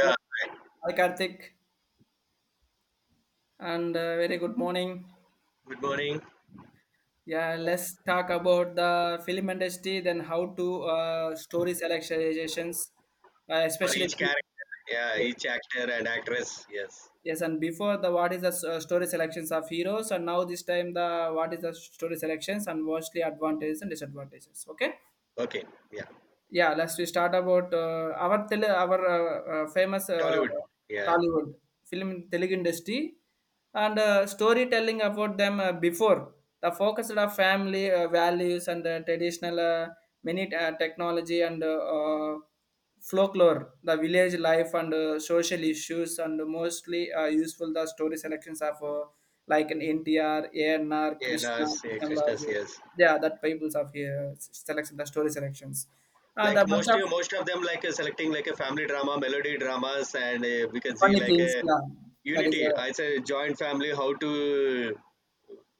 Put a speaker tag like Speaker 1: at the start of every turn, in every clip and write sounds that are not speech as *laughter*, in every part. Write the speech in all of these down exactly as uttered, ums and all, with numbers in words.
Speaker 1: Yeah. Hi, Karthik, and uh, very good morning.
Speaker 2: Good morning.
Speaker 1: Yeah, let's talk about the film industry, then how to uh, story selections, uh,
Speaker 2: For
Speaker 1: especially.
Speaker 2: each character. Yeah, each actor and actress. Yes.
Speaker 1: Yes, and before the what is the s- uh, story selections of heroes, and now this time the what is the story selections and mostly advantages and disadvantages. Okay.
Speaker 2: Okay. Yeah.
Speaker 1: Yeah, let's we start about uh, our tele our uh, uh, famous uh,
Speaker 2: Tollywood. Yeah.
Speaker 1: Tollywood film in Telugu industry and uh, storytelling about them uh, before the focus of family uh, values and uh, traditional uh, many uh, technology and uh, uh, folklore, the village life and uh, social issues and mostly uh, useful the story selections of uh, like an N T R, A N R,
Speaker 2: Yeah,
Speaker 1: Krishna,
Speaker 2: Nas, yeah,
Speaker 1: Krishna
Speaker 2: Krishnas,
Speaker 1: Raju.
Speaker 2: yes.
Speaker 1: Yeah, that peoples of here selection the story selections uh, the
Speaker 2: Like most,
Speaker 1: bunch of
Speaker 2: most of them, like uh, selecting like a family drama, melody dramas, and uh, we can see
Speaker 1: funny
Speaker 2: like
Speaker 1: things.
Speaker 2: a
Speaker 1: Yeah, that is
Speaker 2: unity.
Speaker 1: a
Speaker 2: I say joint family, how to,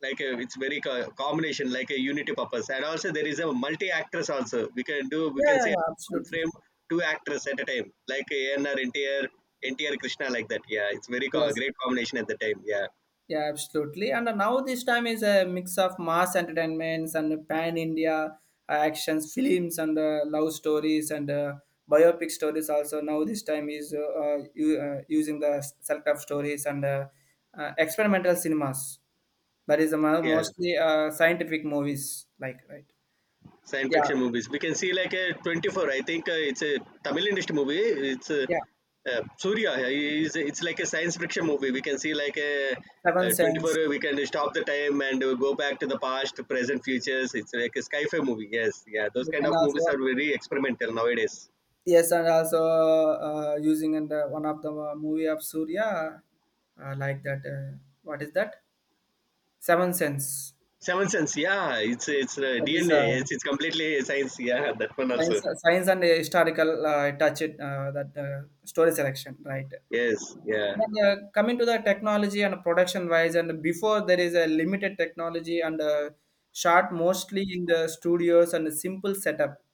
Speaker 2: like a, it's very co- combination, like a unity purpose, and also there is a multi actors, also we can do we
Speaker 1: yeah,
Speaker 2: can
Speaker 1: yeah,
Speaker 2: see
Speaker 1: yeah,
Speaker 2: one
Speaker 1: absolutely.
Speaker 2: frame, two actors at a time, like ANR ntr ntr Krishna, like that, yeah, it's very co-
Speaker 1: Yes,
Speaker 2: great combination at the time, yeah,
Speaker 1: yeah, absolutely. And now this time is a mix of mass entertainments and pan India uh, actions, films, and uh, love stories and uh, biopic stories. Also, now this time is uh, uh, u- uh, using the self-help stories and uh, uh, experimental cinemas. That is the mo-
Speaker 2: yeah.
Speaker 1: mostly uh, scientific movies, like right.
Speaker 2: Science
Speaker 1: Yeah,
Speaker 2: fiction movies. We can see like a twenty-four. I think uh, it's a Tamil industry movie. It's a,
Speaker 1: yeah.
Speaker 2: uh, Surya. He is- It's like a science fiction movie. We can see like a,
Speaker 1: Seven
Speaker 2: uh twenty-four.
Speaker 1: Sense,
Speaker 2: We can stop the time and uh, go back to the past, present, futures. It's like a sci-fi movie. Yes, yeah. Those
Speaker 1: you
Speaker 2: kind
Speaker 1: can
Speaker 2: of movies
Speaker 1: also
Speaker 2: are very experimental nowadays.
Speaker 1: yes, and also uh, using in the one of the uh, movie of Surya, uh, like that. Uh, what is that? Seven Sense.
Speaker 2: Seven Sense. Yeah, it's it's uh,
Speaker 1: That is
Speaker 2: D N A.
Speaker 1: uh,
Speaker 2: Yes, it's completely science. Yeah, *laughs* that one also.
Speaker 1: science, science and historical uh, touch. It uh, that uh, story selection, right?
Speaker 2: Yes, yeah.
Speaker 1: And uh, coming to the technology and production wise, and before there is a limited technology and uh, shot mostly in the studios and a simple setup,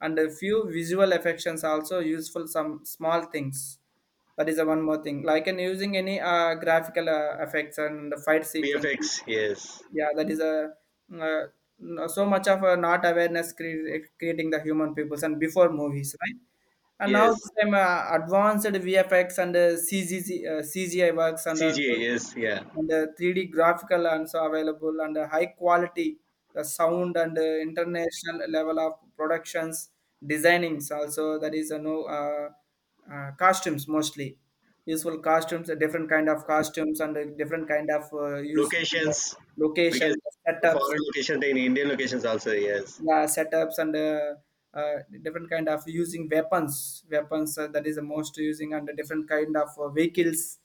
Speaker 1: and a few visual effects also useful some small things. That is the one more thing. Like in using any uh, graphical uh, effects and the fight sequence,
Speaker 2: V F X. Yes,
Speaker 1: yeah, that is a uh, no- so much of a not awareness cre- creating the human peoples and before movies, right? And now
Speaker 2: yes.
Speaker 1: this time uh, advanced vfx and uh, C G C, uh, cgi works and all,
Speaker 2: C G. Yes, yeah.
Speaker 1: and uh, three D graphical also available and uh, high quality the sound and uh, international level of productions designings also. That is a no uh, uh, costumes mostly useful costumes, uh, different kind of costumes and uh, different kind of uh, use
Speaker 2: Locations, because
Speaker 1: location setups.
Speaker 2: foreign locations and Indian locations also, yes.
Speaker 1: Yeah, setups and uh, uh, different kind of using weapons weapons uh, that is the most using, and the different kind of uh, vehicles.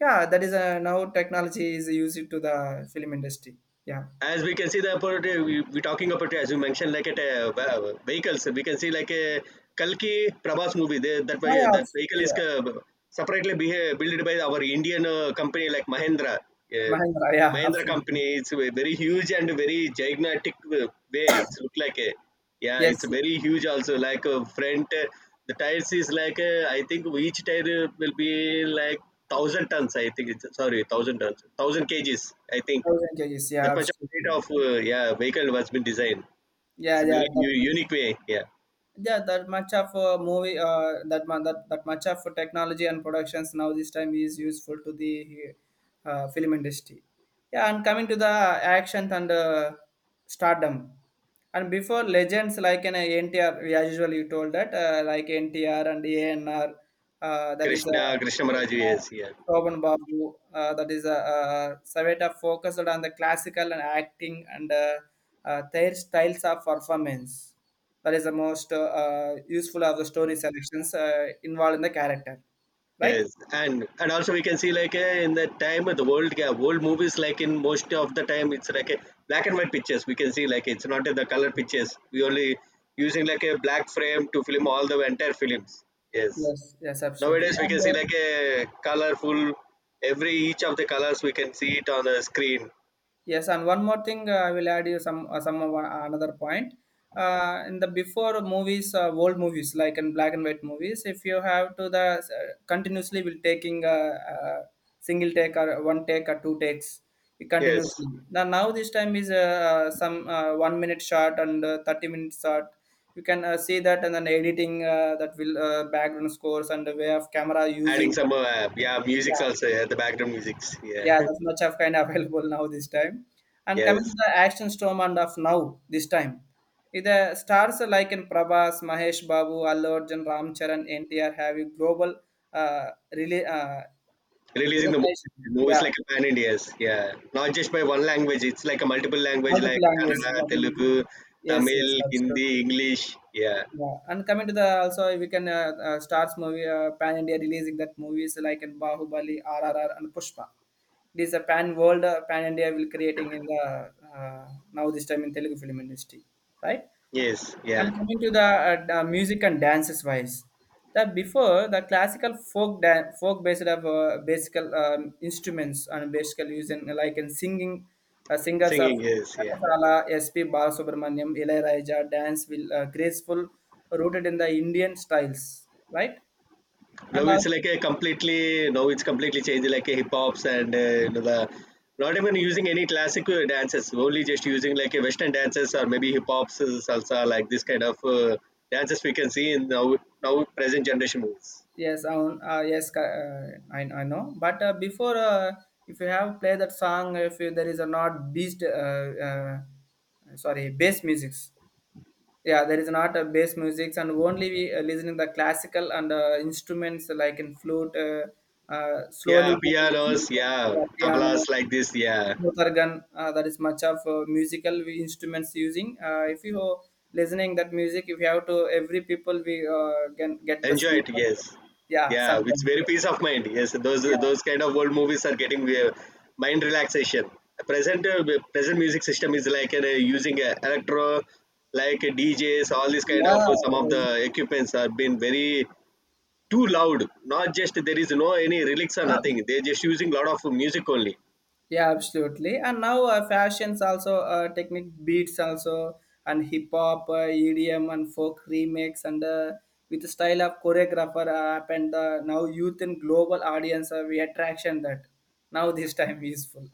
Speaker 1: Yeah, that is uh, now technology is used to the film industry. Yeah,
Speaker 2: As we can see, the about uh, we, we're talking about, uh, as you mentioned, like at uh, ve- vehicles, we can see like a Kalki Prabhas movie, they, that
Speaker 1: yeah,
Speaker 2: way,
Speaker 1: yeah
Speaker 2: that vehicle
Speaker 1: absolutely,
Speaker 2: is
Speaker 1: yeah.
Speaker 2: uh, separately be, built by our Indian uh, company like Mahindra, uh,
Speaker 1: Mahindra, yeah,
Speaker 2: Mahindra
Speaker 1: absolutely.
Speaker 2: company. It's a very huge and very gigantic uh, way. It's look like a, yeah, it's
Speaker 1: Yes, yes.
Speaker 2: very huge also, like uh, front, uh, the tires is like uh, I think each tire uh, will be like one thousand tons. I think, it's sorry, one thousand tons, one thousand kgs I think.
Speaker 1: Thousand kgs,
Speaker 2: The
Speaker 1: yeah,
Speaker 2: predominate
Speaker 1: absolutely.
Speaker 2: of uh, yeah vehicle was been designed.
Speaker 1: Yeah,
Speaker 2: It's a
Speaker 1: yeah,
Speaker 2: very u- unique way. Yeah,
Speaker 1: yeah, that much of a movie uh, that, mu- that that much of technology and productions now this time is useful to the uh, film industry. Yeah, and coming to the action and uh, stardom, and before legends like an ntr, we as usually you told that uh, like ntr and anr, uh, that is uh,
Speaker 2: Krishna Krishna Maharaj is, yeah.
Speaker 1: Shobhan Babu, uh, that is uh, uh, Saveta, focused on the classical and acting and uh, uh, their styles of performance. That is the most uh, uh, useful of the story selections uh, involved in the character, right?
Speaker 2: Yes, and and also we can see like uh, in the time of the world, yeah, world movies, like in most of the time, it's like a black and white pictures. We can see like it's not the color pictures. We only using like a black frame to film all the entire films. Yes,
Speaker 1: Yes, yes, absolutely.
Speaker 2: nowadays we can
Speaker 1: And
Speaker 2: see
Speaker 1: uh,
Speaker 2: like a colorful, every each of the colors we can see it on the screen.
Speaker 1: yes, and one more thing, uh, I will add you some uh, some of, uh, another point. Uh, in the before movies, uh, old movies like in black and white movies, if you have to the uh, continuously will taking a, a single take or one take or two takes
Speaker 2: Yes.
Speaker 1: continuously. Now now this time is uh, uh, some uh, one minute shot and uh, thirty minute shot. You can uh, see that, and then editing uh, that will uh, background scores and the way of camera
Speaker 2: Adding
Speaker 1: using.
Speaker 2: some, uh, yeah, musics
Speaker 1: Yeah,
Speaker 2: also, yeah, the background musics, yeah.
Speaker 1: yeah,
Speaker 2: *laughs*
Speaker 1: that's much of kind of *laughs* available now this time. And coming to
Speaker 2: Yes.
Speaker 1: the action storm and of now this time, with the stars like in Prabhas, Mahesh Babu, Allu Arjun, Ram Charan, N T R have a global uh, really uh,
Speaker 2: Releasing the
Speaker 1: recognition.
Speaker 2: movies, movies
Speaker 1: Yeah,
Speaker 2: like pan India's, yeah, not just by one language, it's like a multiple language,
Speaker 1: multiple
Speaker 2: like
Speaker 1: languages.
Speaker 2: Kannada,
Speaker 1: Like in,
Speaker 2: Telugu,
Speaker 1: yes,
Speaker 2: Tamil,
Speaker 1: yes, that's true.
Speaker 2: Hindi, English, yeah.
Speaker 1: Yeah, and coming to the also we can uh, uh, stars movie uh, pan India releasing that movies like in Bahubali, R R R, and Pushpa. It is a pan world, uh, pan India will creating in the uh, now this time in Telugu film industry, right?
Speaker 2: Yes, yeah.
Speaker 1: And coming to the uh, d- uh, music and dances wise, that before the classical folk dan- folk based of uh, basic um, instruments and basic using uh, like in singing uh, singers of
Speaker 2: Singing, yes, yeah.
Speaker 1: Kanasala, S P. Balasubramaniam, Ilaiyaraaja, dance will uh, graceful, rooted in the Indian styles, right? And
Speaker 2: Now it's
Speaker 1: also,
Speaker 2: like a completely, now it's completely changed, like a hip hops and uh, you know the not even using any classical dances, only just using like a western dances, or maybe hip hops, uh, salsa, like this kind of uh, dances we can see in now now present generation movies.
Speaker 1: yes, I own- uh, yes, ca- uh, I, I know. But uh, before, uh, if you have played that song, if you, there is a not beast, uh, uh, sorry, bass musics. Yeah, there is not a bass music, and only we uh, listening the classical and uh, instruments like in flute. Uh, uh, slowly
Speaker 2: Yeah,
Speaker 1: we can
Speaker 2: pianos,
Speaker 1: listen
Speaker 2: yeah,
Speaker 1: to, uh,
Speaker 2: tablas,
Speaker 1: piano,
Speaker 2: like this, yeah.
Speaker 1: organ. Uh, that is much of uh, musical we instruments using. Uh, if you are listening that music, if you have to every people we uh, can get the
Speaker 2: Enjoy
Speaker 1: sleep.
Speaker 2: it,
Speaker 1: Also.
Speaker 2: yes.
Speaker 1: Yeah,
Speaker 2: Yeah, it's
Speaker 1: sometimes.
Speaker 2: very peace of mind. Yes, those
Speaker 1: Yeah,
Speaker 2: those kind of old movies are getting uh, mind relaxation. Present uh, Present music system is like uh, using uh, electro, like uh, D Js, all these kind of, uh, some of the
Speaker 1: yeah.
Speaker 2: equipments are been very too loud. Not just there is no any lyrics or nothing. They're just using lot of music only.
Speaker 1: Yeah, absolutely. And now uh, fashions also, uh, technique beats also, and hip hop, uh, E D M, and folk remix, and uh, with the style of choreographer uh, app and the now youth and global audience, uh, we attraction that now this time is full.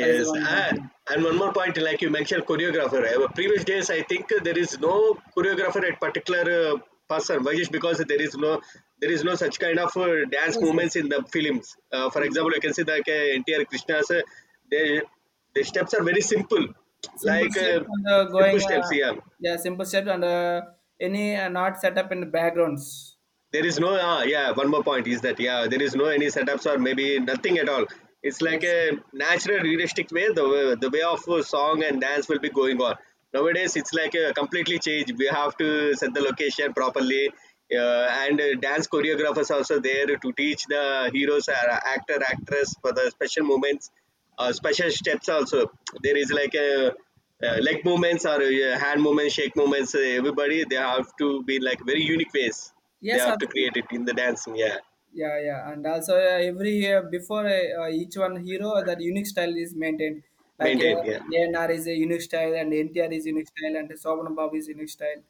Speaker 1: That is the one one
Speaker 2: and
Speaker 1: thing.
Speaker 2: and one more point, like you mentioned, choreographer. Uh, Previous days, I think uh, there is no choreographer at particular uh, person. Why? Just because there is no there is no such kind of uh, dance
Speaker 1: Yes, yes.
Speaker 2: movements in the films. Uh, for
Speaker 1: Yeah.
Speaker 2: example, you can see that, uh, N T R Krishna's, uh, they, the steps are very simple,
Speaker 1: Simple
Speaker 2: like uh,
Speaker 1: steps and uh,
Speaker 2: simple
Speaker 1: going,
Speaker 2: steps.
Speaker 1: uh,
Speaker 2: Yeah,
Speaker 1: yeah, simple steps and uh, any uh, not set up in the backgrounds.
Speaker 2: there is no, uh, yeah, one more point is that, yeah, there is no any setups or maybe nothing at all. It's like
Speaker 1: Yes.
Speaker 2: a natural realistic way, the way the way of uh, song and dance will be going on. Nowadays it's like a completely change. We have to set the location properly, uh, and uh, dance choreographers also there to teach the heroes or actor actress for the special moments, uh, special steps also. There is like a uh, leg movements or uh, hand movements, shake movements, uh, everybody, they have to be like very unique ways, they
Speaker 1: Yes,
Speaker 2: have to
Speaker 1: absolutely.
Speaker 2: create it in the dancing, yeah.
Speaker 1: Yeah, yeah, and also uh, every year before uh, uh, each one hero uh, that unique style is maintained, like
Speaker 2: Maintain,
Speaker 1: uh,
Speaker 2: yeah.
Speaker 1: anr is a unique style and ntr is unique style and Sobhan babu is unique style,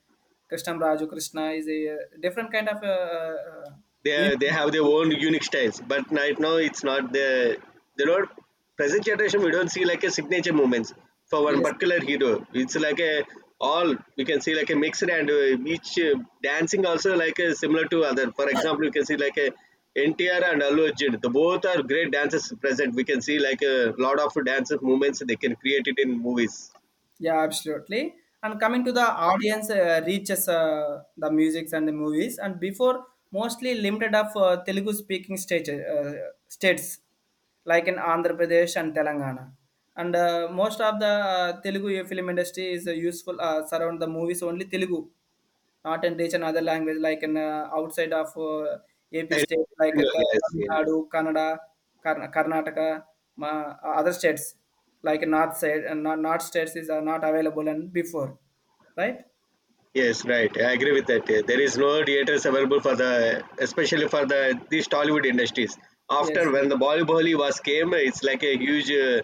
Speaker 1: krishnam raju krishna is a uh, different kind of uh, uh, uh,
Speaker 2: they
Speaker 1: unique.
Speaker 2: they have their own unique styles. But right now, it's not the, they don't, present generation. We don't see like a signature movements for one
Speaker 1: Yes.
Speaker 2: particular hero. It's like a all, we can see like a mixed, and uh, each uh, dancing also, like uh, similar to other. For example, you can see like a N T R and Allu Arjun. The both are great dancers present. We can see like a lot of dance movements they can create it in movies.
Speaker 1: Yeah, absolutely. And coming to the audience uh, reaches uh, the musics and the movies, and before mostly limited of uh, Telugu speaking stage, uh, states like in Andhra Pradesh and Telangana. And uh, most of the uh, Telugu film industry is uh, useful uh, surround the movies only Telugu, not and reach another language like in uh, outside of uh, A P
Speaker 2: And
Speaker 1: state like uh,
Speaker 2: yes,
Speaker 1: Tamil
Speaker 2: yes.
Speaker 1: Nadu, Kannada, Karn- Karnataka, ma- uh, other states like north side and north north states is are not available and before, right?
Speaker 2: Yes, right. I agree with that. Uh, There is no theaters available for the, especially for the these Tollywood industries. After,
Speaker 1: Yes,
Speaker 2: when the Bollywood was came, it's like a huge, uh,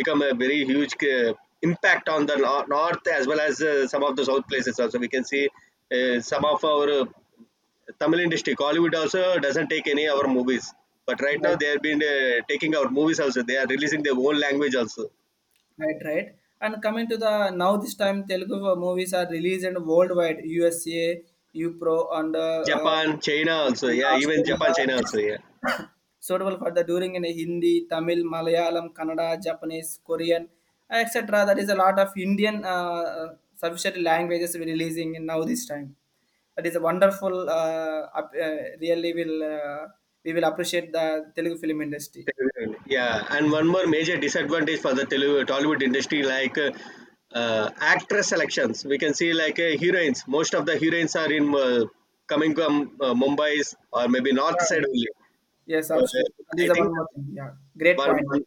Speaker 2: become a very huge uh, impact on the nor- north as well as uh, some of the south places also. We can see uh, some of our uh, Tamil industry, Hollywood also doesn't take any our movies. But right now
Speaker 1: like
Speaker 2: they have been uh, taking our movies also. They are releasing their own language also.
Speaker 1: right, right. And coming to the now this time Telugu uh, movies are released and worldwide, U S A, U P R O, and uh, uh,
Speaker 2: Japan, China also.
Speaker 1: and
Speaker 2: Yeah, even Japan,
Speaker 1: Australia.
Speaker 2: China also. Yeah.
Speaker 1: *coughs* Suitable for the during in Hindi, Tamil, Malayalam, Kannada, Japanese, Korean, et cetera. That is a lot of Indian uh, sufficient languages we're releasing in now this time. That is a wonderful. Uh, up, uh, really will uh, we will appreciate the Telugu film industry.
Speaker 2: Television. Yeah, and one more major disadvantage for the Tele- Tollywood industry, like uh, uh, actress selections. We can see like uh, heroines. Most of the heroines are in, uh, coming from uh, Mumbai's or maybe north
Speaker 1: Yeah.
Speaker 2: side only.
Speaker 1: Yes,
Speaker 2: So, Uh,
Speaker 1: absolutely. That is
Speaker 2: I
Speaker 1: the
Speaker 2: think.
Speaker 1: one more thing. Yeah, great
Speaker 2: One,
Speaker 1: point.
Speaker 2: one,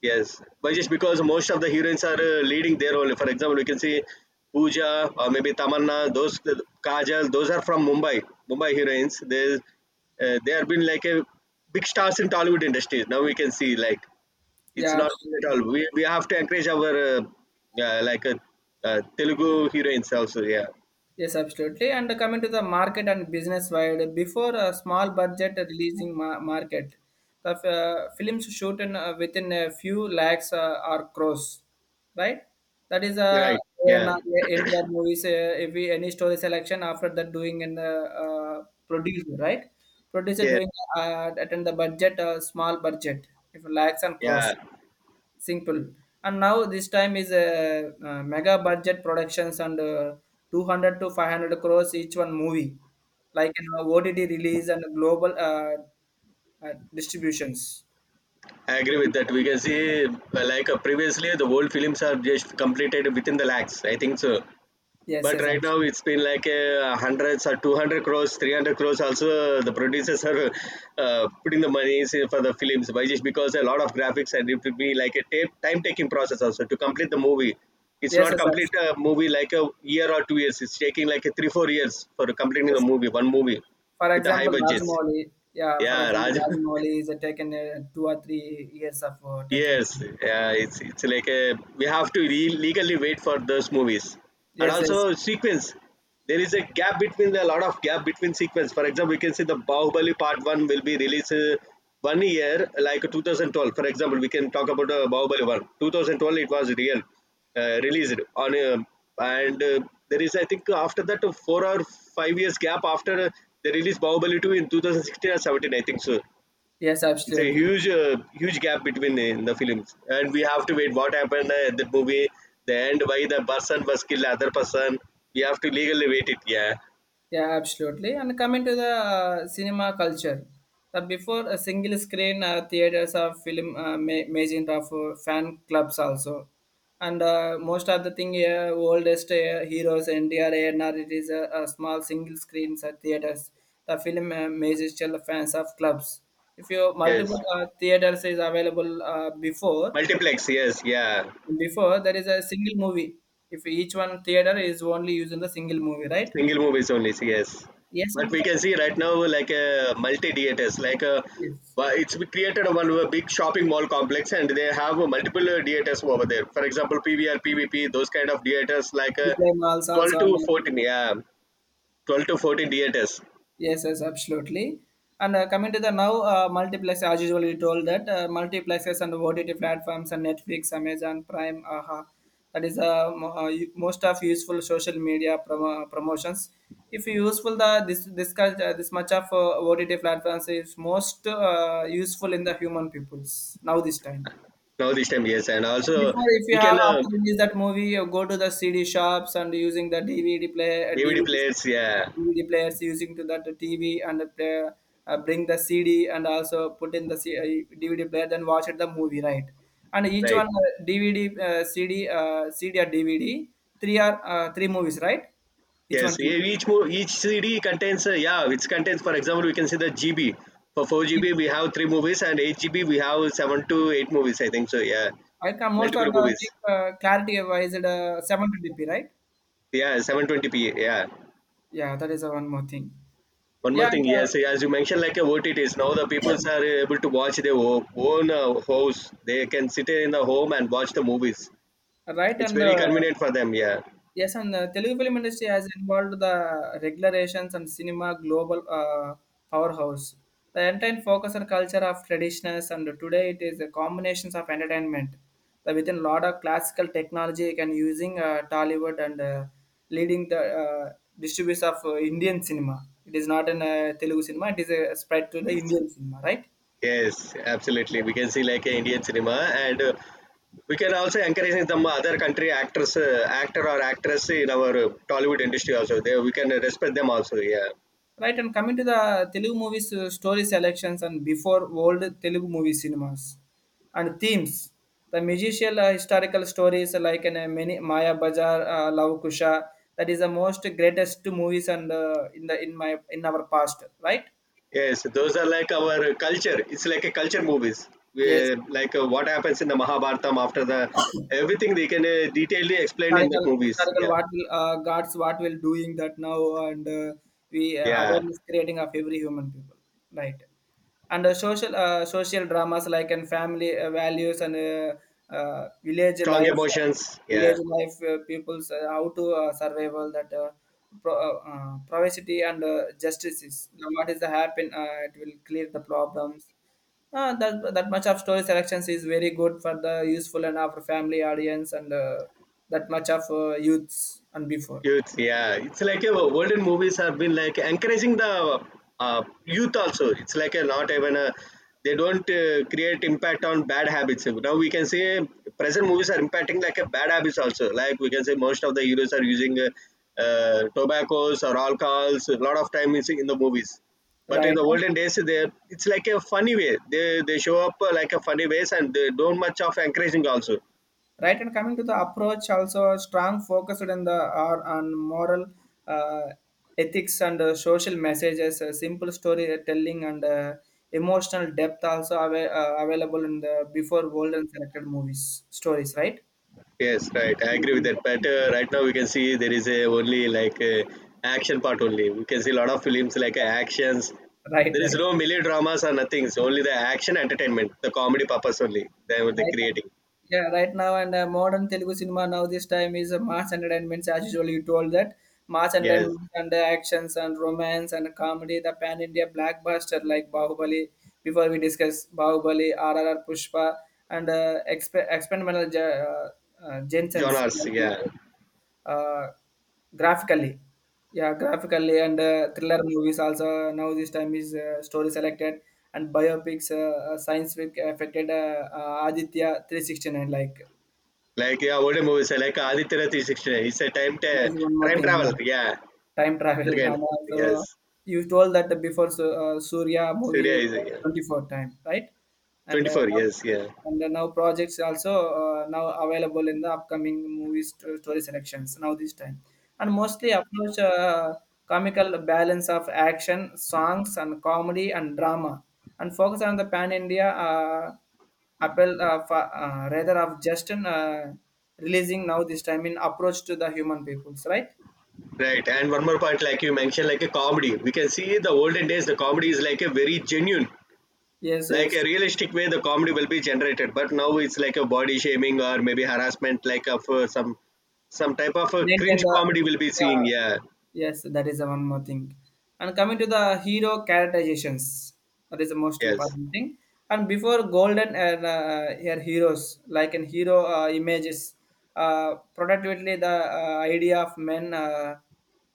Speaker 2: yes, but just because most of the heroines are uh, leading their role. For example, we can see Pooja or maybe Tamanna. Those, Kajal, those are from Mumbai. Mumbai heroines. They, uh, they have been like a big stars in Tollywood industry. Now we can see like it's
Speaker 1: Yeah,
Speaker 2: not good at
Speaker 1: absolutely.
Speaker 2: all. We we have to encourage our, uh, uh, like uh, uh, Telugu heroines also. Yeah,
Speaker 1: Yes, absolutely. And coming to the market and business wide, before a small budget releasing ma- market, the uh, films shoot in, uh, within a few lakhs uh, or crores, right? That is uh,
Speaker 2: right. Yeah.
Speaker 1: in, uh, India movies. Uh, if we any story selection after that doing in the uh, producer, right? Producer
Speaker 2: Yeah,
Speaker 1: doing uh, attend the budget, uh, small budget, if lakhs and
Speaker 2: yeah,
Speaker 1: crores. Simple. And now this time is a, uh, mega budget productions and uh, two hundred to five hundred crores each one movie like an ott release and global uh, uh, distributions.
Speaker 2: I agree with that. We can see, uh, like uh, previously, the old films are just completed within the lakhs, I think so.
Speaker 1: Yes,
Speaker 2: But
Speaker 1: yes,
Speaker 2: right now
Speaker 1: absolutely.
Speaker 2: it's been like uh, hundreds or two hundred crores, three hundred crores also. The producers are uh, putting the money for the films. Why? Just because a lot of graphics, and it would be like a tape, time taking process also to complete the movie. It's
Speaker 1: Yes,
Speaker 2: not
Speaker 1: yes,
Speaker 2: complete
Speaker 1: absolutely.
Speaker 2: a movie like a year or two years. It's taking like a three, four years for completing the
Speaker 1: Yes,
Speaker 2: movie, one movie
Speaker 1: for
Speaker 2: with a high
Speaker 1: example
Speaker 2: budget.
Speaker 1: rajmouli. Yeah, for
Speaker 2: Yeah,
Speaker 1: example
Speaker 2: Raj. *laughs*
Speaker 1: rajmouli is a taken uh, two or three years of uh, taken.
Speaker 2: Yes, yeah, it's it's like a, we have to re- legally wait for those movies, and
Speaker 1: Yes,
Speaker 2: also
Speaker 1: yes,
Speaker 2: sequence. There is a gap between, a lot of gap between sequence. For example, we can see the Bahubali Part One will be released, uh, one year, like two thousand twelve. For example, we can talk about, uh, Bahubali One. twenty twelve it was real, uh, released on, uh, and uh, there is, I think after that, uh, four or five years gap, after uh, they released Bahubali Two in two thousand sixteen or seventeen, I think so.
Speaker 1: yes,
Speaker 2: It's a
Speaker 1: absolutely.
Speaker 2: huge, uh, huge gap between the, the films, and we have to wait what happened, uh, at the movie, the end, why the person was killed other person. We have to legally wait it, yeah.
Speaker 1: Yeah, absolutely. And coming to the uh, cinema culture, the before a single screen uh, theaters or film uh, ma- magent of uh, fan clubs also, and uh, most of the thing here oldest uh, heroes N D R A N R, it is a, a small single screens uh, theaters. The film uh, major fans of clubs. If you
Speaker 2: Yes,
Speaker 1: multiple uh, theaters is available uh, before,
Speaker 2: multiplex, yes, yeah.
Speaker 1: before there is a single movie. If each one theater is only using the single movie, right?
Speaker 2: Single movies only, yes.
Speaker 1: Yes,
Speaker 2: But
Speaker 1: and
Speaker 2: we can see right now like a multi theaters like a.
Speaker 1: yes.
Speaker 2: Well, it's, we created one uh, big shopping mall complex, and they have uh, multiple uh, theaters over there. For example, P V R P V P those kind of theaters, like uh,
Speaker 1: Reply malls
Speaker 2: twelve
Speaker 1: also
Speaker 2: to
Speaker 1: available.
Speaker 2: fourteen, yeah, twelve to fourteen theaters.
Speaker 1: Yes, yes, absolutely. And uh, coming to the now, uh, multiplex, as usual, you told that uh, multiplexes and O T T platforms and Netflix, Amazon Prime, aha, that is uh, mo- uh, u- most of useful social media promo- promotions. If you useful the this this kind- uh, this much of uh, O T T platforms is most uh, useful in the human peoples now this time.
Speaker 2: Now this time, yes, and also
Speaker 1: Before, if you
Speaker 2: we can,
Speaker 1: have
Speaker 2: uh,
Speaker 1: after release that movie, you go to the C D shops and using the DVD player,
Speaker 2: D V D
Speaker 1: DVD,
Speaker 2: players, yeah,
Speaker 1: DVD players using to that TV and play, uh, bring the C D and also put in the C, uh, D V D player, then watch it the movie, right? And each
Speaker 2: right,
Speaker 1: one uh, DVD, uh, CD, uh, CD or DVD, three are uh, three movies, right? Each one.
Speaker 2: yes. e- Each mo- each C D contains, uh, yeah, which contains. For example, we can see the G B. For four G B, we have three movies, and eight G B, we have seven to eight movies, I think so. Yeah,
Speaker 1: I can most of
Speaker 2: multiple
Speaker 1: the
Speaker 2: movies.
Speaker 1: thing, uh, clarity wise, it, uh, seven twenty p, right?
Speaker 2: Yeah, seven twenty p. Yeah.
Speaker 1: Yeah, that is uh, one more thing.
Speaker 2: One more
Speaker 1: Yeah, and,
Speaker 2: thing, yes, as you mentioned, like uh, O T Ts, now the people are able to watch their o- own uh, house. They can sit in the home and watch the movies.
Speaker 1: uh, right,
Speaker 2: It's
Speaker 1: and
Speaker 2: very
Speaker 1: uh,
Speaker 2: convenient for them. Yeah.
Speaker 1: yes, and the Telugu film industry has involved the regulations and cinema global uh, powerhouse. The entire focus on culture of traditionals, and today it is a combinations of entertainment. The within lot of classical technology can using uh, Tollywood and uh, leading the uh, distributes of uh, Indian cinema. It is not an uh, Telugu cinema; it is a spread to the
Speaker 2: Yes.
Speaker 1: Indian cinema, right?
Speaker 2: Yes, absolutely. We can see like uh, Indian cinema, and uh, we can also encourage some other country actors, uh, actor or actress in our uh, Tollywood industry also. There we can uh, respect them also. Yeah.
Speaker 1: Right, and coming to the Telugu movies uh, story selections and before old Telugu movie cinemas and themes, the musical uh, historical stories like in uh, many Maya Bazaar uh, Love Kusha, that is the most greatest movies and uh, in the in my in our past, right?
Speaker 2: Yes, those are like our culture. It's like a culture movies.
Speaker 1: Yes,
Speaker 2: We, like uh, what happens in the Mahabharatam, after the everything they can uh, detailedly explain in the
Speaker 1: historical
Speaker 2: movies.
Speaker 1: historical
Speaker 2: Yeah.
Speaker 1: what will uh, gods what will doing that now and uh, we uh,
Speaker 2: Yeah.
Speaker 1: awareness creating of every human people, right. And uh, social uh, social dramas like and family uh, values and uh, uh, village
Speaker 2: Strong
Speaker 1: life,
Speaker 2: emotions. Yeah.
Speaker 1: village life uh, people's uh, how to uh, survival that uh, pro, uh, uh, privacy and uh, justice is now what is the happen, uh, it will clear the problems, uh, that that much of story selections is very good for the useful and our family audience and uh, that much of uh, youths and before,
Speaker 2: Youth, yeah. It's like uh, olden movies have been like encouraging the uh, youth also. It's like a not even a they don't uh, create impact on bad habits. Now we can say present movies are impacting like a bad habits also. Like we can say most of the heroes are using uh, uh, tobaccos or alcohols. A lot of time is in the movies. But in
Speaker 1: right.
Speaker 2: the
Speaker 1: uh,
Speaker 2: olden days, they it's like a funny way. They they show up uh, like a funny ways and they don't much of encouraging also.
Speaker 1: right and coming to the approach also strong focused on the or on moral uh, ethics and uh, social messages, uh, simple storytelling and uh, emotional depth also ava- uh, available in the before world and selected movies stories, right.
Speaker 2: Yes, right. I agree with that.
Speaker 1: *laughs*
Speaker 2: But uh, right now we can see there is a only like uh, action part only. We can see a lot of films like uh, actions.
Speaker 1: Right,
Speaker 2: There is
Speaker 1: right.
Speaker 2: no melodramas or nothing. It's only the action entertainment, the comedy purpose only. They were the
Speaker 1: Right now,
Speaker 2: creating.
Speaker 1: yeah, right now and uh, modern Telugu cinema now this time is uh, mass entertainments as usual you told that, mass
Speaker 2: Yes,
Speaker 1: entertainment and uh, actions and romance and comedy, the pan India blockbuster like Bahubali. Before we discuss Bahubali R R R Pushpa and uh, exp- experimental ge- uh, uh, Jensen's,
Speaker 2: genres.
Speaker 1: like,
Speaker 2: Yeah,
Speaker 1: uh, uh, graphically. Yeah, graphically and uh, thriller movies also now this time is uh, story selected and biopics, uh, uh, science fic affected, uh, uh, aditya three sixty-nine like.
Speaker 2: like yeah, older movies uh, like Aditya three sixty-nine. It's a time
Speaker 1: That
Speaker 2: ta-
Speaker 1: is one more
Speaker 2: time
Speaker 1: thing.
Speaker 2: travel.
Speaker 1: Yeah,
Speaker 2: Yeah,
Speaker 1: time travel. *laughs*
Speaker 2: again.
Speaker 1: And also
Speaker 2: Yes,
Speaker 1: you told that before Su- uh, surya movie
Speaker 2: Surya
Speaker 1: is
Speaker 2: is, yeah.
Speaker 1: twenty-four time, right? and uh,
Speaker 2: twenty-four,
Speaker 1: now,
Speaker 2: yes, yeah,
Speaker 1: and uh, now projects also uh, now available in the upcoming movies st- story selections now this time, and mostly approach uh, comical balance of action songs and comedy and drama, and focus on the pan India uh, appeal, uh, fa- uh, rather of just an, uh, releasing now this time in approach to the human peoples, right.
Speaker 2: right. And one more point, like you mentioned, like a comedy, we can see the olden days the comedy is like a very genuine,
Speaker 1: Yes,
Speaker 2: like a
Speaker 1: yes.
Speaker 2: realistic way the comedy will be generated. But now it's like a body shaming or maybe harassment like of uh, some some type of a
Speaker 1: Maintain
Speaker 2: cringe
Speaker 1: the,
Speaker 2: comedy will be seeing,
Speaker 1: yeah.
Speaker 2: yeah.
Speaker 1: Yes, that is the one more thing. And coming to the hero characterizations, that is the most
Speaker 2: Yes.
Speaker 1: important thing. And before golden and uh, here heroes like in hero uh, images, uh, productively the uh, idea of men, uh,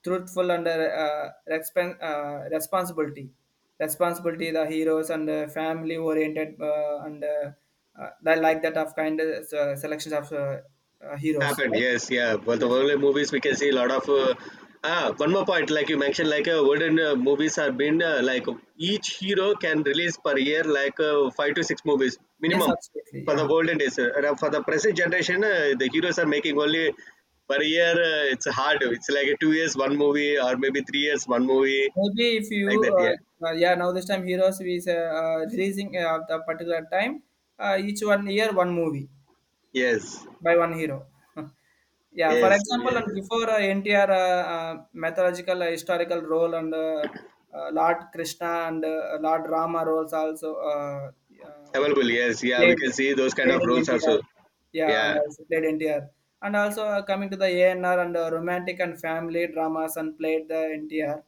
Speaker 1: truthful and uh, respon- uh, responsibility, responsibility the heroes and uh, family oriented uh, and uh, uh, that like that of kind of uh, selections of uh, uh, heroes,
Speaker 2: Happened,
Speaker 1: right?
Speaker 2: yes, yeah. Well, the
Speaker 1: Yes.
Speaker 2: world movies, we can see a lot of. Uh, ah, one more point, like you mentioned, like uh, world uh, movies have been uh, like each hero can release per year like uh, five to six movies
Speaker 1: Yes,
Speaker 2: minimum
Speaker 1: absolutely.
Speaker 2: for the
Speaker 1: Yeah,
Speaker 2: golden days. Uh, and, uh, for the present generation, uh, the heroes are making only per year. Uh, it's hard. It's like two years one movie or maybe three years one movie
Speaker 1: maybe if you,
Speaker 2: like that.
Speaker 1: uh,
Speaker 2: Yeah.
Speaker 1: uh, yeah, now this time heroes is uh, uh, releasing uh, at a particular time. Uh, each one year, one movie
Speaker 2: Yes.
Speaker 1: by one hero. *laughs* Yeah, for
Speaker 2: Yes,
Speaker 1: example,
Speaker 2: yes.
Speaker 1: and before uh, N T R, uh, uh, mythological uh, historical role and uh, uh, Lord Krishna and uh, Lord Rama roles also. uh, uh,
Speaker 2: Available. Yes. Yeah. We
Speaker 1: Played,
Speaker 2: can see those kind
Speaker 1: played
Speaker 2: of
Speaker 1: in
Speaker 2: roles
Speaker 1: N T R.
Speaker 2: also.
Speaker 1: Yeah, and
Speaker 2: Yeah.
Speaker 1: also played N T R. And also uh, coming to the A N R and uh, romantic and family dramas, and played the N T R.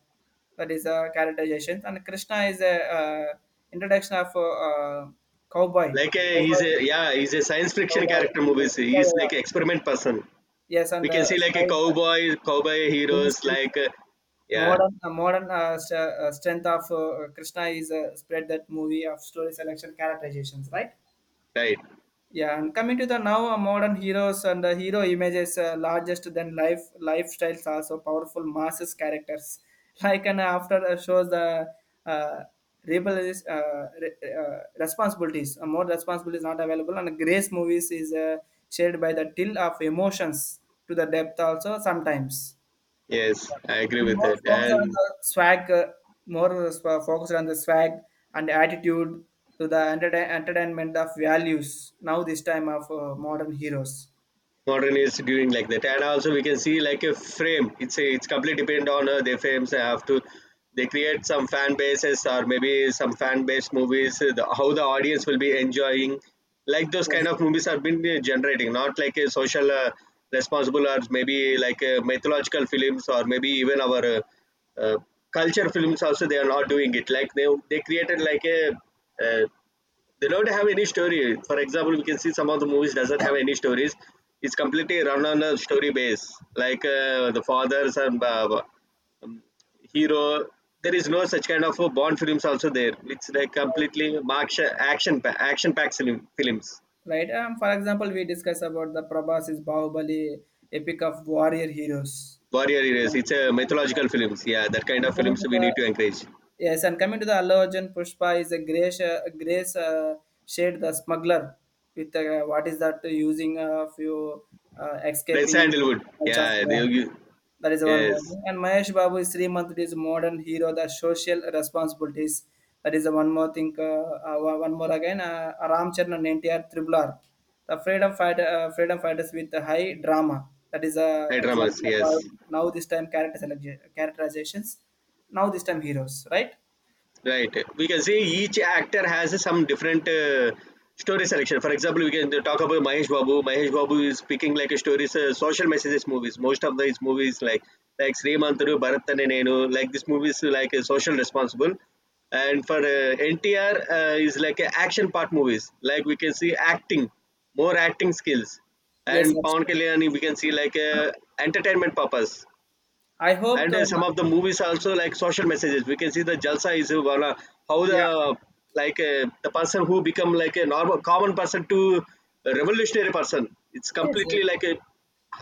Speaker 1: That is uh, characterizations. And Krishna is a uh, introduction of uh, uh, cowboy.
Speaker 2: Like a, he's
Speaker 1: Cowboy,
Speaker 2: a, yeah, he's a science fiction
Speaker 1: cowboy
Speaker 2: character
Speaker 1: and, uh,
Speaker 2: movies,
Speaker 1: yeah, yeah,
Speaker 2: he's
Speaker 1: yeah.
Speaker 2: like an experiment person.
Speaker 1: Yes,
Speaker 2: We
Speaker 1: and
Speaker 2: can
Speaker 1: uh,
Speaker 2: see like
Speaker 1: spy,
Speaker 2: a
Speaker 1: the
Speaker 2: cowboy, cowboy heroes
Speaker 1: resistance,
Speaker 2: like uh, yeah.
Speaker 1: modern uh, modern uh, st- uh, strength of uh, Krishna is uh, spread that movie of story selection characterizations, right?
Speaker 2: Right,
Speaker 1: Yeah, and coming to the now uh, modern heroes and the hero images, uh, largest than life lifestyles also powerful masses characters. *laughs* Like and after uh, shows the uh, rebel is, uh, re- uh, responsibilities, uh, more responsibilities not available, and grace movies is uh, shared by the till of emotions to the depth also sometimes.
Speaker 2: yes, I agree
Speaker 1: I'm
Speaker 2: with
Speaker 1: more
Speaker 2: that.
Speaker 1: focused on
Speaker 2: And
Speaker 1: the swag, uh, more uh, focused on the swag and attitude to the entertain, entertainment of values now this time of uh, modern heroes.
Speaker 2: modern is doing like that, and also we can see like a frame. It's a, it's completely depend on uh, their frames. They have to, they create some fan bases or maybe some fan based movies, uh, the, how the audience will be enjoying like those kind
Speaker 1: Yes,
Speaker 2: of movies have been uh, generating, not like a social uh, responsible or maybe like uh, mythological films or maybe even our uh, uh, culture films also. They are not doing it like they they created like a uh, they don't have any story. For example, we can see some of the movies doesn't have any stories. It's completely run on a story base, like uh, the fathers and uh, hero. There is no such kind of uh, Bond films also there. It's like
Speaker 1: right.
Speaker 2: completely action action pa- action packed film, films.
Speaker 1: Right. Um, for example, we discuss about the Prabhas is Bahubali, epic of warrior heroes.
Speaker 2: Warrior
Speaker 1: I
Speaker 2: heroes. It's a mythological films. Yeah, that kind of
Speaker 1: coming
Speaker 2: films
Speaker 1: to
Speaker 2: we
Speaker 1: the
Speaker 2: need to encourage.
Speaker 1: yes, and coming to the Allu Arjun Pushpa is a grace, uh, grace uh, shade the smuggler with uh, what is that, uh, using a few uh,
Speaker 2: Red
Speaker 1: escaping
Speaker 2: sandalwood.
Speaker 1: much of
Speaker 2: Yeah,
Speaker 1: uh,
Speaker 2: they, you-
Speaker 1: that is one
Speaker 2: yes.
Speaker 1: movie. And Mahesh Babu is three month, it is modern hero the social responsibilities, that is the one more thing. Uh, uh, one one more again uh, Ram Charan and N T R Triple R, the freedom fighter, uh, freedom fighters with the high drama, that is a
Speaker 2: Red dramas.
Speaker 1: example of uh,
Speaker 2: Yes.
Speaker 1: now this time character select- characterizations now this time heroes, right.
Speaker 2: Right. We can say each actor has some different uh, story selection. For example, we can talk about Mahesh Babu. Mahesh Babu is picking like a stories, uh, social messages movies. Most of these movies like like Srimanthuru, Bharatane Nenu, like this movies like a social responsible. And for uh, N T R uh, is like a action part movies. Like we can see acting, more acting skills.
Speaker 1: Yes,
Speaker 2: And
Speaker 1: that's
Speaker 2: Pawan
Speaker 1: true.
Speaker 2: Kalyani, we can see like a entertainment purpose
Speaker 1: I hope
Speaker 2: and
Speaker 1: the,
Speaker 2: uh, some of the movies also like social messages. We can see the jalsa is gonna, how the,
Speaker 1: yeah.
Speaker 2: like uh, the person who become like a normal common person to a revolutionary person. It's
Speaker 1: Yes, yes.
Speaker 2: completely like a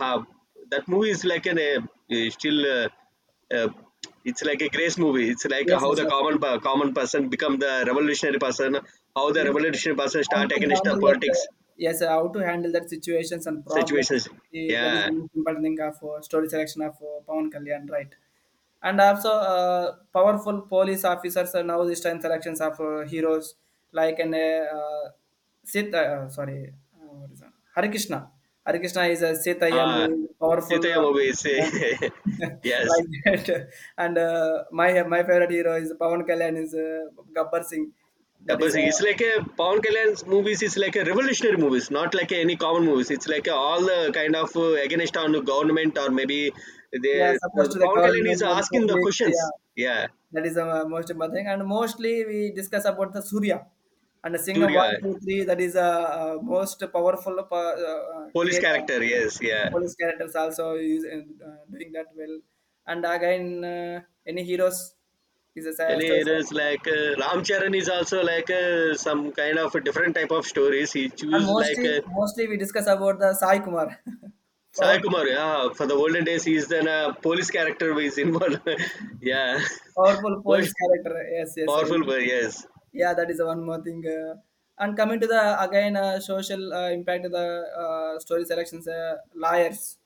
Speaker 2: uh, that movie is like an a, a still uh, uh, it's like a grace movie. It's like
Speaker 1: Yes,
Speaker 2: how
Speaker 1: yes,
Speaker 2: the
Speaker 1: that's
Speaker 2: common
Speaker 1: true.
Speaker 2: per- common person become the revolutionary person, how the
Speaker 1: Yes, sir.
Speaker 2: revolutionary person
Speaker 1: How
Speaker 2: start
Speaker 1: to
Speaker 2: against the
Speaker 1: handle that?
Speaker 2: politics
Speaker 1: Uh, yes, sir, how to handle that situations and problems.
Speaker 2: situations.
Speaker 1: Eh, that is
Speaker 2: Yeah.
Speaker 1: the most important thing of uh, story selection of uh, Pawan Kalyan, right? And also, uh, powerful police officers are now this time selections of uh, heroes like an uh, Sita, uh, sorry, uh, what is that? Hare Krishna. Hare Krishna is a Sitaya
Speaker 2: uh
Speaker 1: movie, powerful
Speaker 2: Sitaya
Speaker 1: uh,
Speaker 2: movie is,
Speaker 1: policeman.
Speaker 2: *laughs*
Speaker 1: *laughs*
Speaker 2: yes.
Speaker 1: Like that. And uh, my my favorite hero is Pawan Kalyan is uh, Gabbar Singh.
Speaker 2: Yeah,
Speaker 1: That
Speaker 2: but
Speaker 1: is, uh,
Speaker 2: it's like a Pawan Kalyan's movies. It's like a revolutionary movies, not like any common movies. It's like a, all the kind of uh, against on the government or maybe the
Speaker 1: yeah,
Speaker 2: uh,
Speaker 1: supposed to the
Speaker 2: Pawan Kalyan is
Speaker 1: government and
Speaker 2: asking the
Speaker 1: public. Yeah,
Speaker 2: questions. Yeah,
Speaker 1: that is a most important thing. And mostly we discuss about the Surya and the Singham
Speaker 2: Surya,
Speaker 1: one, two, three. That is a, uh, most powerful uh, uh,
Speaker 2: police
Speaker 1: create uh,
Speaker 2: character. Yes, yeah.
Speaker 1: police characters also use uh, doing that well. And again, uh, any heroes is a
Speaker 2: And
Speaker 1: sa- story.
Speaker 2: it is like uh, Ram Charan is also like uh, some kind of a different type of stories. He
Speaker 1: And
Speaker 2: choose like
Speaker 1: mostly,
Speaker 2: uh,
Speaker 1: mostly we discuss about the Sai Kumar, *laughs*
Speaker 2: Sai
Speaker 1: power,
Speaker 2: Kumar. Yeah, for the olden days, he's then a police character who is involved. *laughs* Yeah,
Speaker 1: powerful
Speaker 2: *laughs* most
Speaker 1: police character. Yes, yes, I
Speaker 2: powerful.
Speaker 1: know.
Speaker 2: But yes,
Speaker 1: Yeah, that is one more thing. Uh, and coming to the again uh, social uh, impact of the uh, story selections, uh, liars,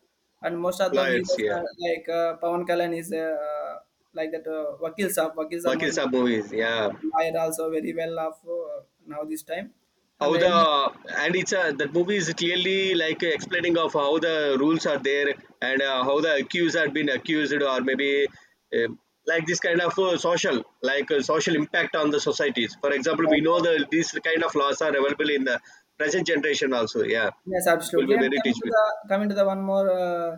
Speaker 1: and most of the
Speaker 2: lawyers.
Speaker 1: heroes
Speaker 2: Yeah.
Speaker 1: are like uh, Pawan Kalyan is uh, like that uh, Vakil Saab. Vakil Saab
Speaker 2: Bakir
Speaker 1: movie,
Speaker 2: Saab movies, yeah.
Speaker 1: uh, liar also very well off uh, now this time, and
Speaker 2: How
Speaker 1: any,
Speaker 2: the, and it's a, that movie is clearly like explaining of how the rules are there, and uh, how the accused had been accused or maybe uh, like this kind of uh, social like uh, social impact on the societies. For example, we
Speaker 1: right.
Speaker 2: know the these kind of laws are available in the present generation also. Yeah,
Speaker 1: Yes,
Speaker 2: it will
Speaker 1: absolutely.
Speaker 2: be
Speaker 1: And
Speaker 2: very
Speaker 1: coming to
Speaker 2: teachable.
Speaker 1: the coming to the one more, uh,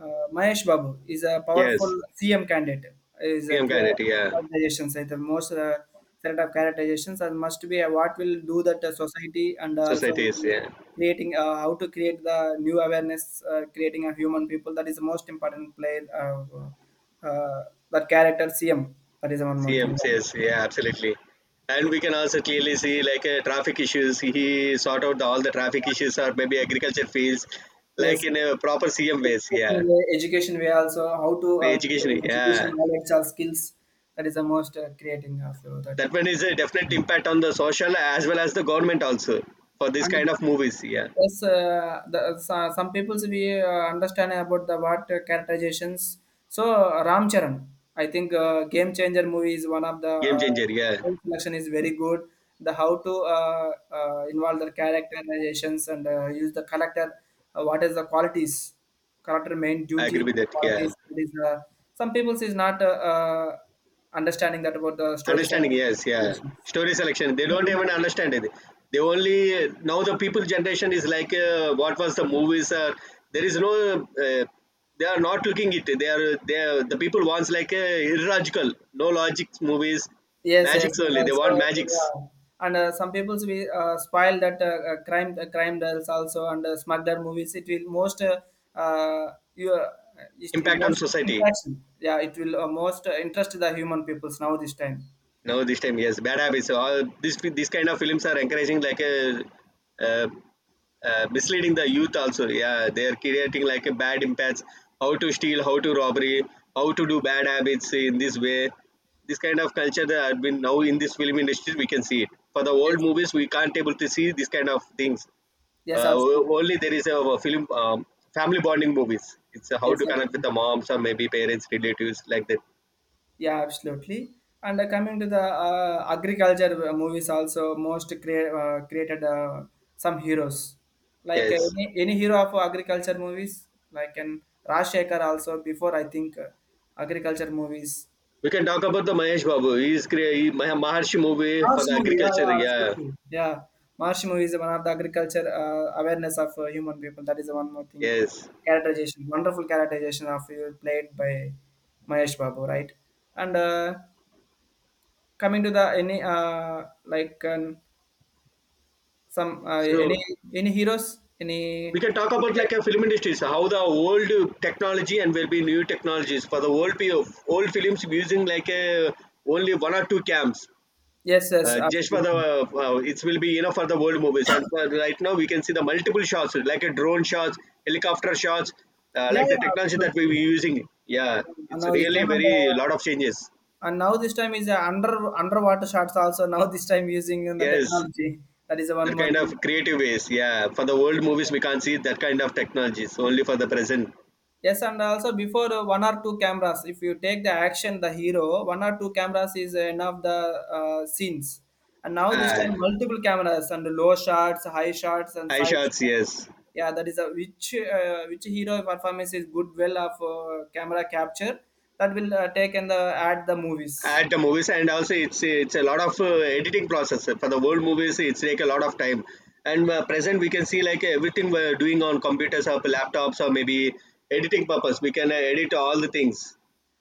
Speaker 1: uh, Mahesh Babu is a powerful
Speaker 2: Yes,
Speaker 1: C M candidate. Is a
Speaker 2: C M
Speaker 1: crea-
Speaker 2: Kennedy. Yeah,
Speaker 1: characterizations like the most uh, set of characterizations and must be a, what will do that uh, society and also
Speaker 2: societies. Yeah.
Speaker 1: creating uh, how to create the new awareness, uh, creating a human people. That is the most important play. Uh, uh, that character C M. That is one more thing.
Speaker 2: C Ms, yes, yeah, absolutely. And we can also clearly see like uh, traffic issues. He sort out the, all the traffic issues or maybe agriculture fields, like
Speaker 1: Yes.
Speaker 2: in a proper C M ways. Yeah,
Speaker 1: Education way, education way also how to
Speaker 2: the
Speaker 1: uh,
Speaker 2: education.
Speaker 1: creating education
Speaker 2: Yeah,
Speaker 1: knowledge or skills, that is the most uh, creating uh, so that.
Speaker 2: that one is a definite impact on the social as well as the government also for this
Speaker 1: And
Speaker 2: kind of movies. Yeah,
Speaker 1: yes, uh, the, so- some people we uh, understand about the what uh, characterizations. So uh, Ram Charan, I think uh, Game Changer movie is one of the
Speaker 2: game
Speaker 1: uh,
Speaker 2: changer. Yeah,
Speaker 1: film selection is very good. The how to uh, uh, involve the characterizations and uh, use the character. Uh, what is the qualities? Character main
Speaker 2: I agree
Speaker 1: duty
Speaker 2: with that. Yeah.
Speaker 1: qualities. It is, uh, some people is not uh, uh, understanding that about the stories and
Speaker 2: Understanding, yes, yeah. Story selection. They don't
Speaker 1: situations.
Speaker 2: even understand it. They only now the people generation is like uh, what was the movies. Uh, there is no. Uh, they are not looking it. They are they are, the people wants like uh, illogical, no logic movies,
Speaker 1: Yes, yes,
Speaker 2: magics
Speaker 1: and
Speaker 2: only. They
Speaker 1: also
Speaker 2: want magics
Speaker 1: yeah, and uh, some people we uh, spoil that uh, uh, crime uh, crime dolls also and uh, smuggler movies. It will most uh, uh, you uh, it, it
Speaker 2: impact on
Speaker 1: most
Speaker 2: society.
Speaker 1: interaction. Yeah, it will uh, most uh, interest the human peoples now this time.
Speaker 2: No, this time yes, bad habits. All this this kind of films are encouraging like a. Uh, uh, misleading the youth also, yeah, they are creating like a bad impacts, how to steal, how to robbery, how to
Speaker 1: Yes,
Speaker 2: do bad habits in this way. This kind of culture that have been now in this film industry we can see it. For the old
Speaker 1: yes,
Speaker 2: movies we can't able to see this kind of things.
Speaker 1: yes,
Speaker 2: Uh,
Speaker 1: absolutely.
Speaker 2: o- only there is a, a film um, family bonding movies. It's uh, how
Speaker 1: Yes,
Speaker 2: to connect with
Speaker 1: absolutely.
Speaker 2: the moms or maybe parents, relatives, like that.
Speaker 1: Yeah, absolutely. And uh, coming to the uh, agriculture uh, movies, also most crea- uh, created uh, some heroes. Like uh,
Speaker 2: Yes,
Speaker 1: any, any hero of agriculture movies, like an Rajshekhar also before I think uh, agriculture movies.
Speaker 2: we can talk about the Mahesh Babu. He is crea- he- Mah- Maharshi movie
Speaker 1: March
Speaker 2: for the
Speaker 1: movie, yeah,
Speaker 2: agriculture,
Speaker 1: yeah,
Speaker 2: yeah.
Speaker 1: absolutely. Yeah, March movie is one of the agriculture uh, awareness of uh, human people. That is the one more thing.
Speaker 2: Yes,
Speaker 1: Characterization, wonderful characterization of you played by Mahesh Babu, right? And uh, coming to the any uh like um, some uh,
Speaker 2: so
Speaker 1: any any heroes
Speaker 2: we
Speaker 1: any.
Speaker 2: can talk about like
Speaker 1: Yes,
Speaker 2: a film industry, so how the old technology and will be new technologies. For the old pe- old films using like a only one or two cams
Speaker 1: yes,
Speaker 2: uh, just for the
Speaker 1: absolutely.
Speaker 2: uh, it will be enough for the world movies. And for right now we can see the multiple shots like a drone shots, helicopter shots, uh,
Speaker 1: Yeah,
Speaker 2: like the
Speaker 1: yeah,
Speaker 2: technology that we
Speaker 1: absolutely.
Speaker 2: were using, yeah.
Speaker 1: And
Speaker 2: It's
Speaker 1: now this
Speaker 2: really
Speaker 1: time and,
Speaker 2: very
Speaker 1: uh,
Speaker 2: lot of changes.
Speaker 1: and now this time is uh, under underwater shots also now this time using in the
Speaker 2: Yes,
Speaker 1: technology, that is the one
Speaker 2: that
Speaker 1: more
Speaker 2: kind of
Speaker 1: thing.
Speaker 2: creative ways, yeah. For the world movies we can't see that kind of technologies, only for the present.
Speaker 1: Yes, and also before uh, one or two cameras, if you take the action, the hero, one or two cameras is enough the uh, scenes. And now this
Speaker 2: uh,
Speaker 1: time multiple cameras and low shots, high shots, and
Speaker 2: high
Speaker 1: side shots.
Speaker 2: shots, yes,
Speaker 1: Yeah, that is a which uh, which hero performance is good well of uh, camera capture, that will uh, take and the add the movies.
Speaker 2: at the movies. And also it's it's a lot of uh, editing process. For the old movies it's take a lot of time, and uh, present we can see like everything we're doing on computers or laptops or maybe editing purpose. We can uh, edit all the things.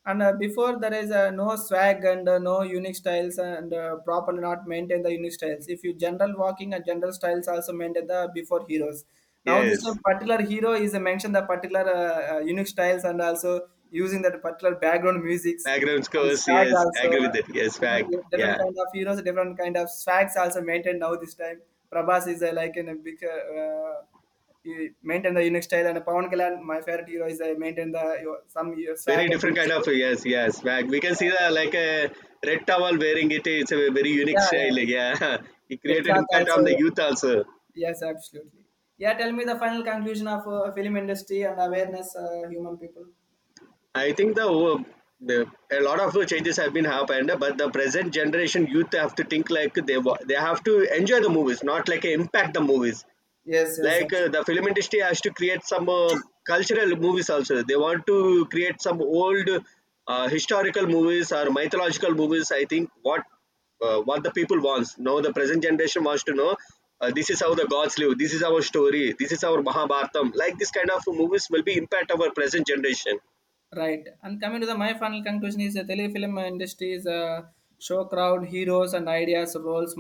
Speaker 1: and uh, before there is uh, no swag and uh, no unique styles and uh, properly not maintain the unique styles, if you general walking and general styles also maintain the before heroes. Now this uh,
Speaker 2: Yes,
Speaker 1: particular hero is uh, mentioned the particular uh, uh, unique styles and also using that particular background musics
Speaker 2: background
Speaker 1: and
Speaker 2: scores,
Speaker 1: swag
Speaker 2: yes, I
Speaker 1: also,
Speaker 2: agree with it, yes, fact,
Speaker 1: different, different
Speaker 2: yeah.
Speaker 1: kind of heroes, different kind of swags also maintained now this time. Prabhas is uh, like in a big, uh, uh, you maintain the unique style, and Pawan Kalyan, my favorite hero is I maintain the your, some your swag
Speaker 2: Very
Speaker 1: and
Speaker 2: different
Speaker 1: unique
Speaker 2: kind of,
Speaker 1: style.
Speaker 2: yes, yes, fact. We can see the like a red towel wearing it. It's a very unique
Speaker 1: Yeah, yeah.
Speaker 2: style, yeah. *laughs* It
Speaker 1: Red
Speaker 2: created
Speaker 1: cloth
Speaker 2: impact on the
Speaker 1: also.
Speaker 2: youth also.
Speaker 1: Yes, absolutely. Yeah, tell me the final conclusion of uh, film industry and awareness uh, human people.
Speaker 2: I think the, wo- the a lot of changes have been happened, but the present generation youth have to think like they wa- they have to enjoy the movies, not like impact the movies.
Speaker 1: Yes, yes,
Speaker 2: Like uh,
Speaker 1: absolutely.
Speaker 2: the film industry has to create some uh, cultural movies also. They want to create some old uh, historical movies or mythological movies. I think what uh, what the people wants. Now the present generation wants to know uh, this is how the gods live. This is our story. This is our Mahabharatam. Like this kind of movies will be impact our present generation.
Speaker 1: Right. And coming to the my final conclusion is the telefilm industry is a show crowd heroes and ideas roles.